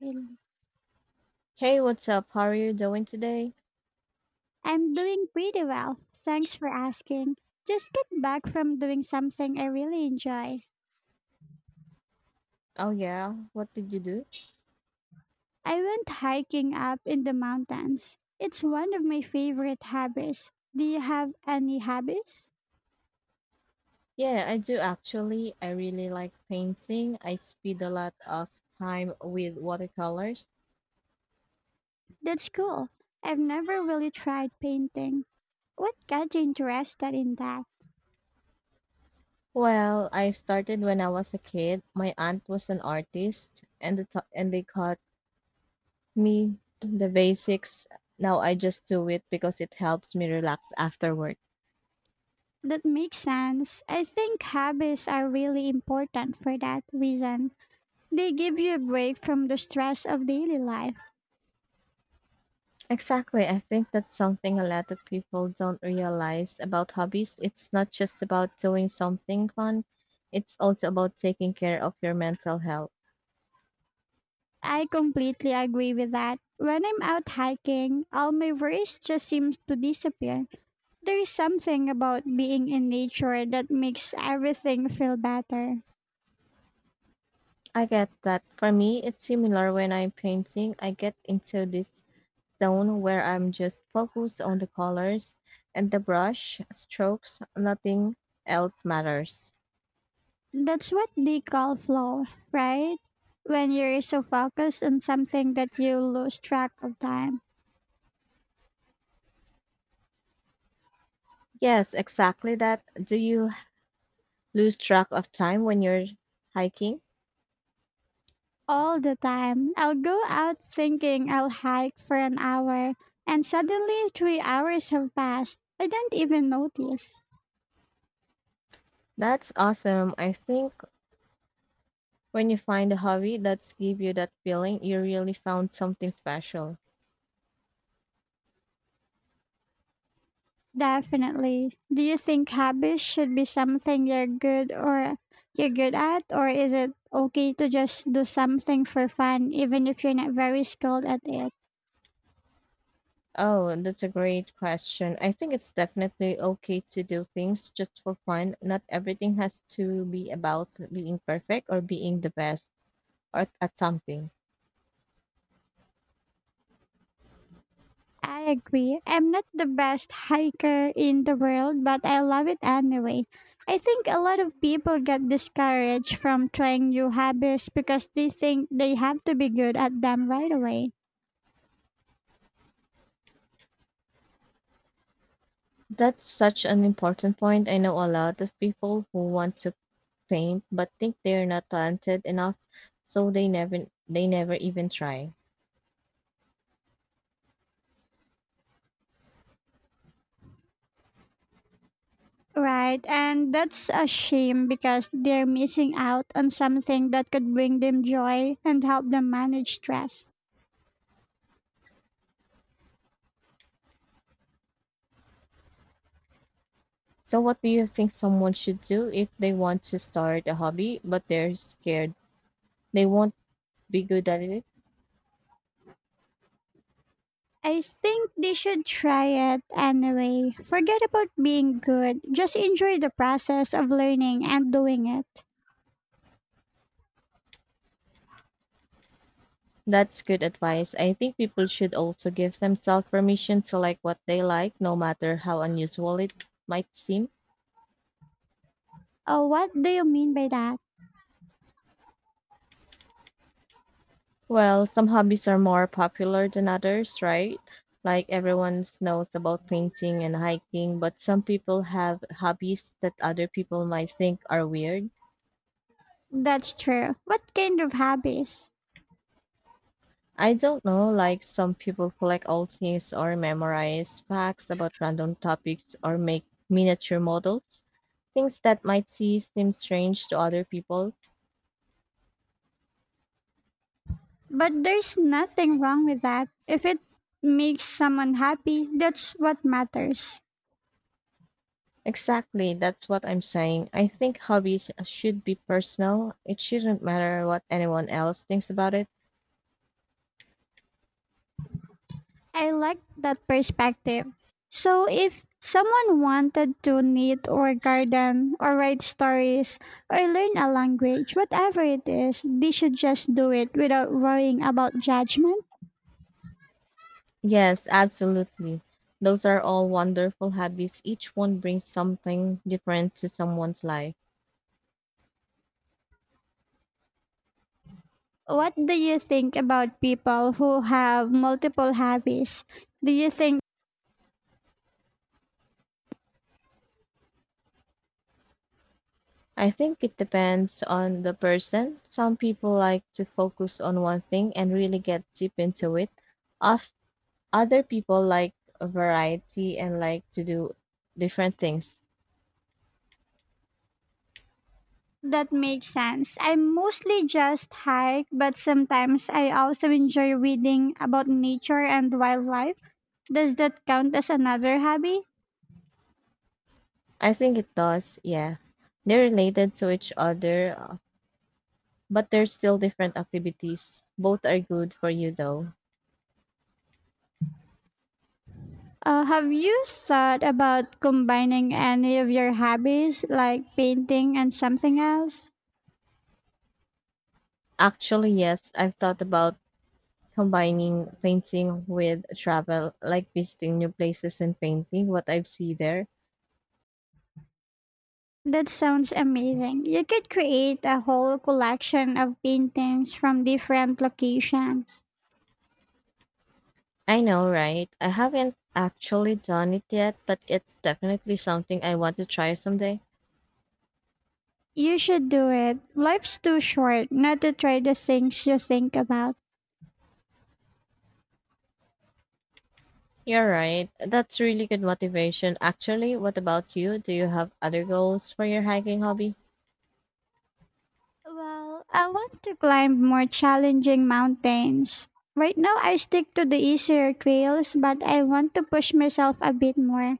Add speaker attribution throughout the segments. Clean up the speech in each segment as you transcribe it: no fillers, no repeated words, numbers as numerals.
Speaker 1: Really?
Speaker 2: Hey, what's up? How are you doing today?
Speaker 1: I'm doing pretty well. Thanks for asking. Just got back from doing something I really enjoy.
Speaker 2: Oh, yeah. What did you do?
Speaker 1: I went hiking up in the mountains. It's one of my favorite hobbies. Do you have any hobbies?
Speaker 2: Yeah, I do actually. I really like painting. I spend a lot of time with watercolors.
Speaker 1: That's cool. I've never really tried painting. What got you interested in that?
Speaker 2: Well, I started when I was a kid. My aunt was an artist, and they taught me the basics. Now I just do it because it helps me relax afterward.
Speaker 1: That makes sense. I think hobbies are really important for that reason. They give you a break from the stress of daily life.
Speaker 2: Exactly. I think that's something a lot of people don't realize about hobbies. It's not just about doing something fun, it's also about taking care of your mental health.
Speaker 1: I completely agree with that. When I'm out hiking, all my worries just seems to disappear. There is something about being in nature that makes everything feel better.
Speaker 2: I get that. For me, it's similar when I'm painting. I get into this zone where I'm just focused on the colors and the brush strokes. Nothing else matters.
Speaker 1: That's what they call flow, right? When you're so focused on something that you lose track of time.
Speaker 2: Yes, exactly that. Do you lose track of time when you're hiking?
Speaker 1: All the time, I'll go out thinking I'll hike for an hour, and suddenly 3 hours have passed. I don't even notice.
Speaker 2: That's awesome. I think when you find a hobby that's give you that feeling, you really found something special.
Speaker 1: Definitely. Do you think habits should be something you're good or you're good at or is it okay to just do something for fun even if you're not very skilled at it?
Speaker 2: Oh, that's a great question. I think it's definitely okay to do things just for fun. Not everything has to be about being perfect or being the best or at something.
Speaker 1: I agree. I'm not the best hiker in the world, but I love it anyway. I think a lot of people get discouraged from trying new habits because they think they have to be good at them right away.
Speaker 2: That's such an important point. I know a lot of people who want to paint but think they're not talented enough, so they never even try.
Speaker 1: Right, and that's a shame because they're missing out on something that could bring them joy and help them manage stress.
Speaker 2: So, what do you think someone should do if they want to start a hobby but they're scared they won't be good at it?
Speaker 1: I think they should try it anyway. Forget about being good, just enjoy the process of learning and doing it.
Speaker 2: That's good advice. I think people should also give themselves permission to like what they like, no matter how unusual it might seem.
Speaker 1: Oh, what do you mean by that?
Speaker 2: Well, some hobbies are more popular than others, right? Like everyone knows about painting and hiking, but some people have hobbies that other people might think are weird.
Speaker 1: That's true. What kind of hobbies?
Speaker 2: I don't know, like some people collect old things or memorize facts about random topics or make miniature models. Things that might seem strange to other people.
Speaker 1: But there's nothing wrong with that. If it makes someone happy, that's what matters.
Speaker 2: Exactly, that's what I'm saying. I think hobbies should be personal. It shouldn't matter what anyone else thinks about it.
Speaker 1: I like that perspective. So if someone wanted to knit or garden or write stories or learn a language, whatever it is, they should just do it without worrying about judgment.
Speaker 2: Yes, absolutely. Those are all wonderful hobbies. Each one brings something different to someone's life.
Speaker 1: What do you think about people who have multiple hobbies? Do you think
Speaker 2: I think it depends on the person. Some people like to focus on one thing and really get deep into it. Of other people like a variety and like to do different things.
Speaker 1: that makes sense? I mostly just hike, but sometimes I also enjoy reading about nature and wildlife. Does that count as another hobby?
Speaker 2: I think it does, yeah. They're related to each other, but they're still different activities. Both are good for you though.
Speaker 1: Have you thought about combining any of your hobbies, like painting and something else?
Speaker 2: Actually, yes, I've thought about combining painting with travel, like visiting new places and painting what I have seen there.
Speaker 1: That sounds amazing. You could create a whole collection of paintings from different locations.
Speaker 2: I know, right? I haven't actually done it yet, but it's definitely something I want to try someday.
Speaker 1: You should do it. Life's too short not to try the things you think about.
Speaker 2: You're right. That's really good motivation. Actually, what about you? Do you have other goals for your hiking hobby?
Speaker 1: Well, I want to climb more challenging mountains. Right now, I stick to the easier trails, but I want to push myself a bit more.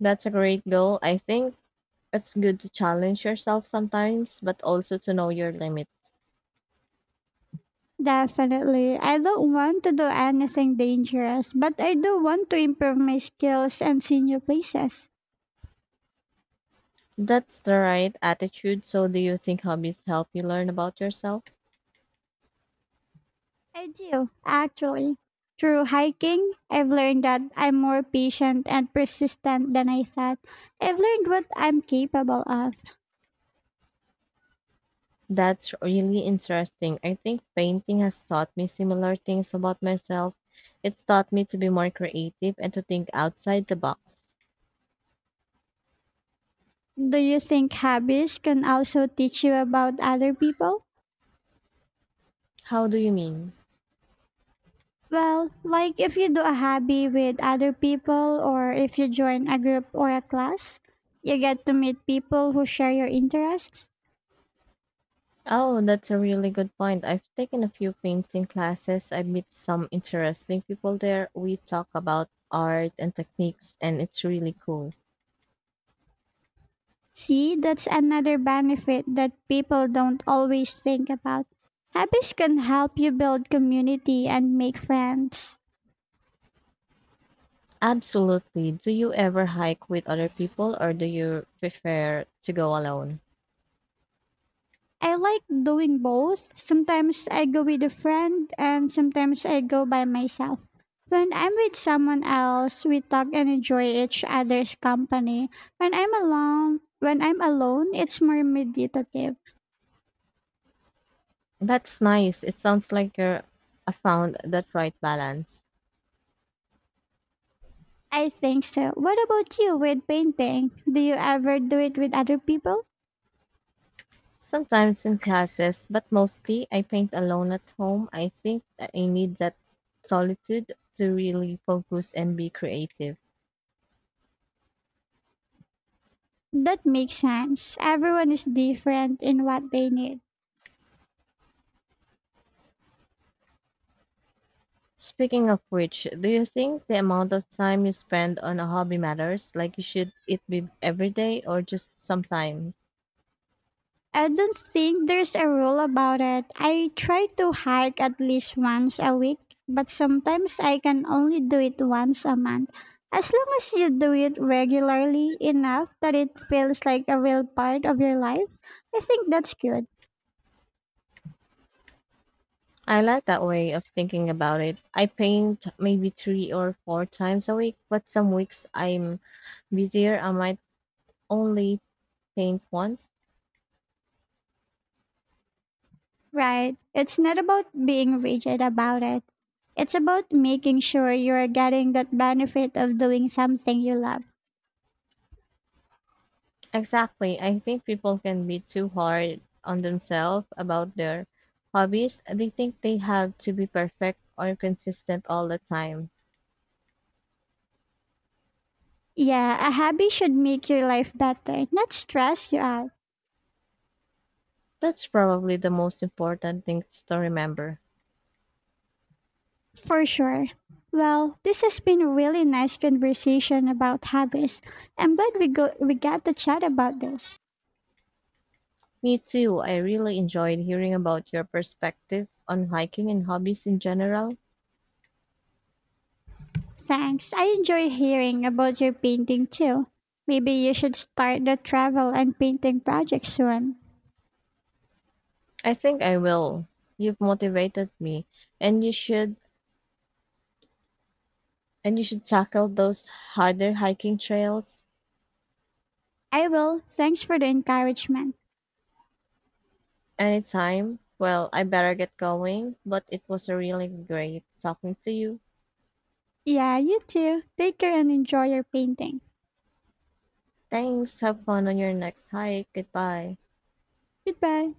Speaker 2: That's a great goal. I think it's good to challenge yourself sometimes, but also to know your limits.
Speaker 1: Definitely. I don't want to do anything dangerous, but I do want to improve my skills and see new places.
Speaker 2: That's the right attitude. So, do you think hobbies help you learn about yourself?
Speaker 1: I do, actually. Through hiking, I've learned that I'm more patient and persistent than I thought. I've learned what I'm capable of.
Speaker 2: That's really interesting. I think painting has taught me similar things about myself. It's taught me to be more creative and to think outside the box.
Speaker 1: Do you think hobbies can also teach you about other people?
Speaker 2: How do you mean?
Speaker 1: Well, like if you do a hobby with other people or if you join a group or a class, you get to meet people who share your interests.
Speaker 2: Oh, that's a really good point. I've taken a few painting classes. I meet some interesting people there. We talk about art and techniques, and it's really cool.
Speaker 1: See, that's another benefit that people don't always think about. Hobbies can help you build community and make friends.
Speaker 2: Absolutely. Do you ever hike with other people or do you prefer to go alone?
Speaker 1: I like doing both. Sometimes I go with a friend and sometimes I go by myself. When I'm with someone else, we talk and enjoy each other's company. When I'm alone, it's more meditative.
Speaker 2: That's nice. It sounds like you're I found that right balance.
Speaker 1: I think so. What about you with painting? Do you ever do it with other people?
Speaker 2: Sometimes in classes, but mostly I paint alone at home. I think that I need that solitude to really focus and be creative.
Speaker 1: That makes sense. Everyone is different in what they need.
Speaker 2: Speaking of which, do you think the amount of time you spend on a hobby matters? Like you should it be every day or just sometime?
Speaker 1: I don't think there's a rule about it. I try to hike at least once a week, but sometimes I can only do it once a month. As long as you do it regularly enough that it feels like a real part of your life, I think that's good,
Speaker 2: I like that way of thinking about it. I paint maybe three or four times a week, but some weeks I'm busier. I might only paint once.
Speaker 1: right? It's not about being rigid about it. It's about making sure you're getting that benefit of doing something you love.
Speaker 2: Exactly. I think people can be too hard on themselves about their hobbies. They think they have to be perfect or consistent all the time.
Speaker 1: Yeah, a hobby should make your life better, not stress you out,
Speaker 2: That's probably the most important thing to remember.
Speaker 1: for sure. Well, this has been a really nice conversation about hobbies. I'm glad we got to chat about this.
Speaker 2: Me too. I really enjoyed hearing about your perspective on hiking and hobbies in general.
Speaker 1: Thanks. I enjoy hearing about your painting too. Maybe you should start the travel and painting project soon.
Speaker 2: I think I will. You've motivated me, and you should and you should tackle those harder hiking trails.
Speaker 1: I will. Thanks for the encouragement.
Speaker 2: Anytime. Well, I better get going, but it was really great talking to you.
Speaker 1: Yeah, you too. Take care and enjoy your painting.
Speaker 2: Thanks. Have fun on your next hike. Goodbye.
Speaker 1: Goodbye.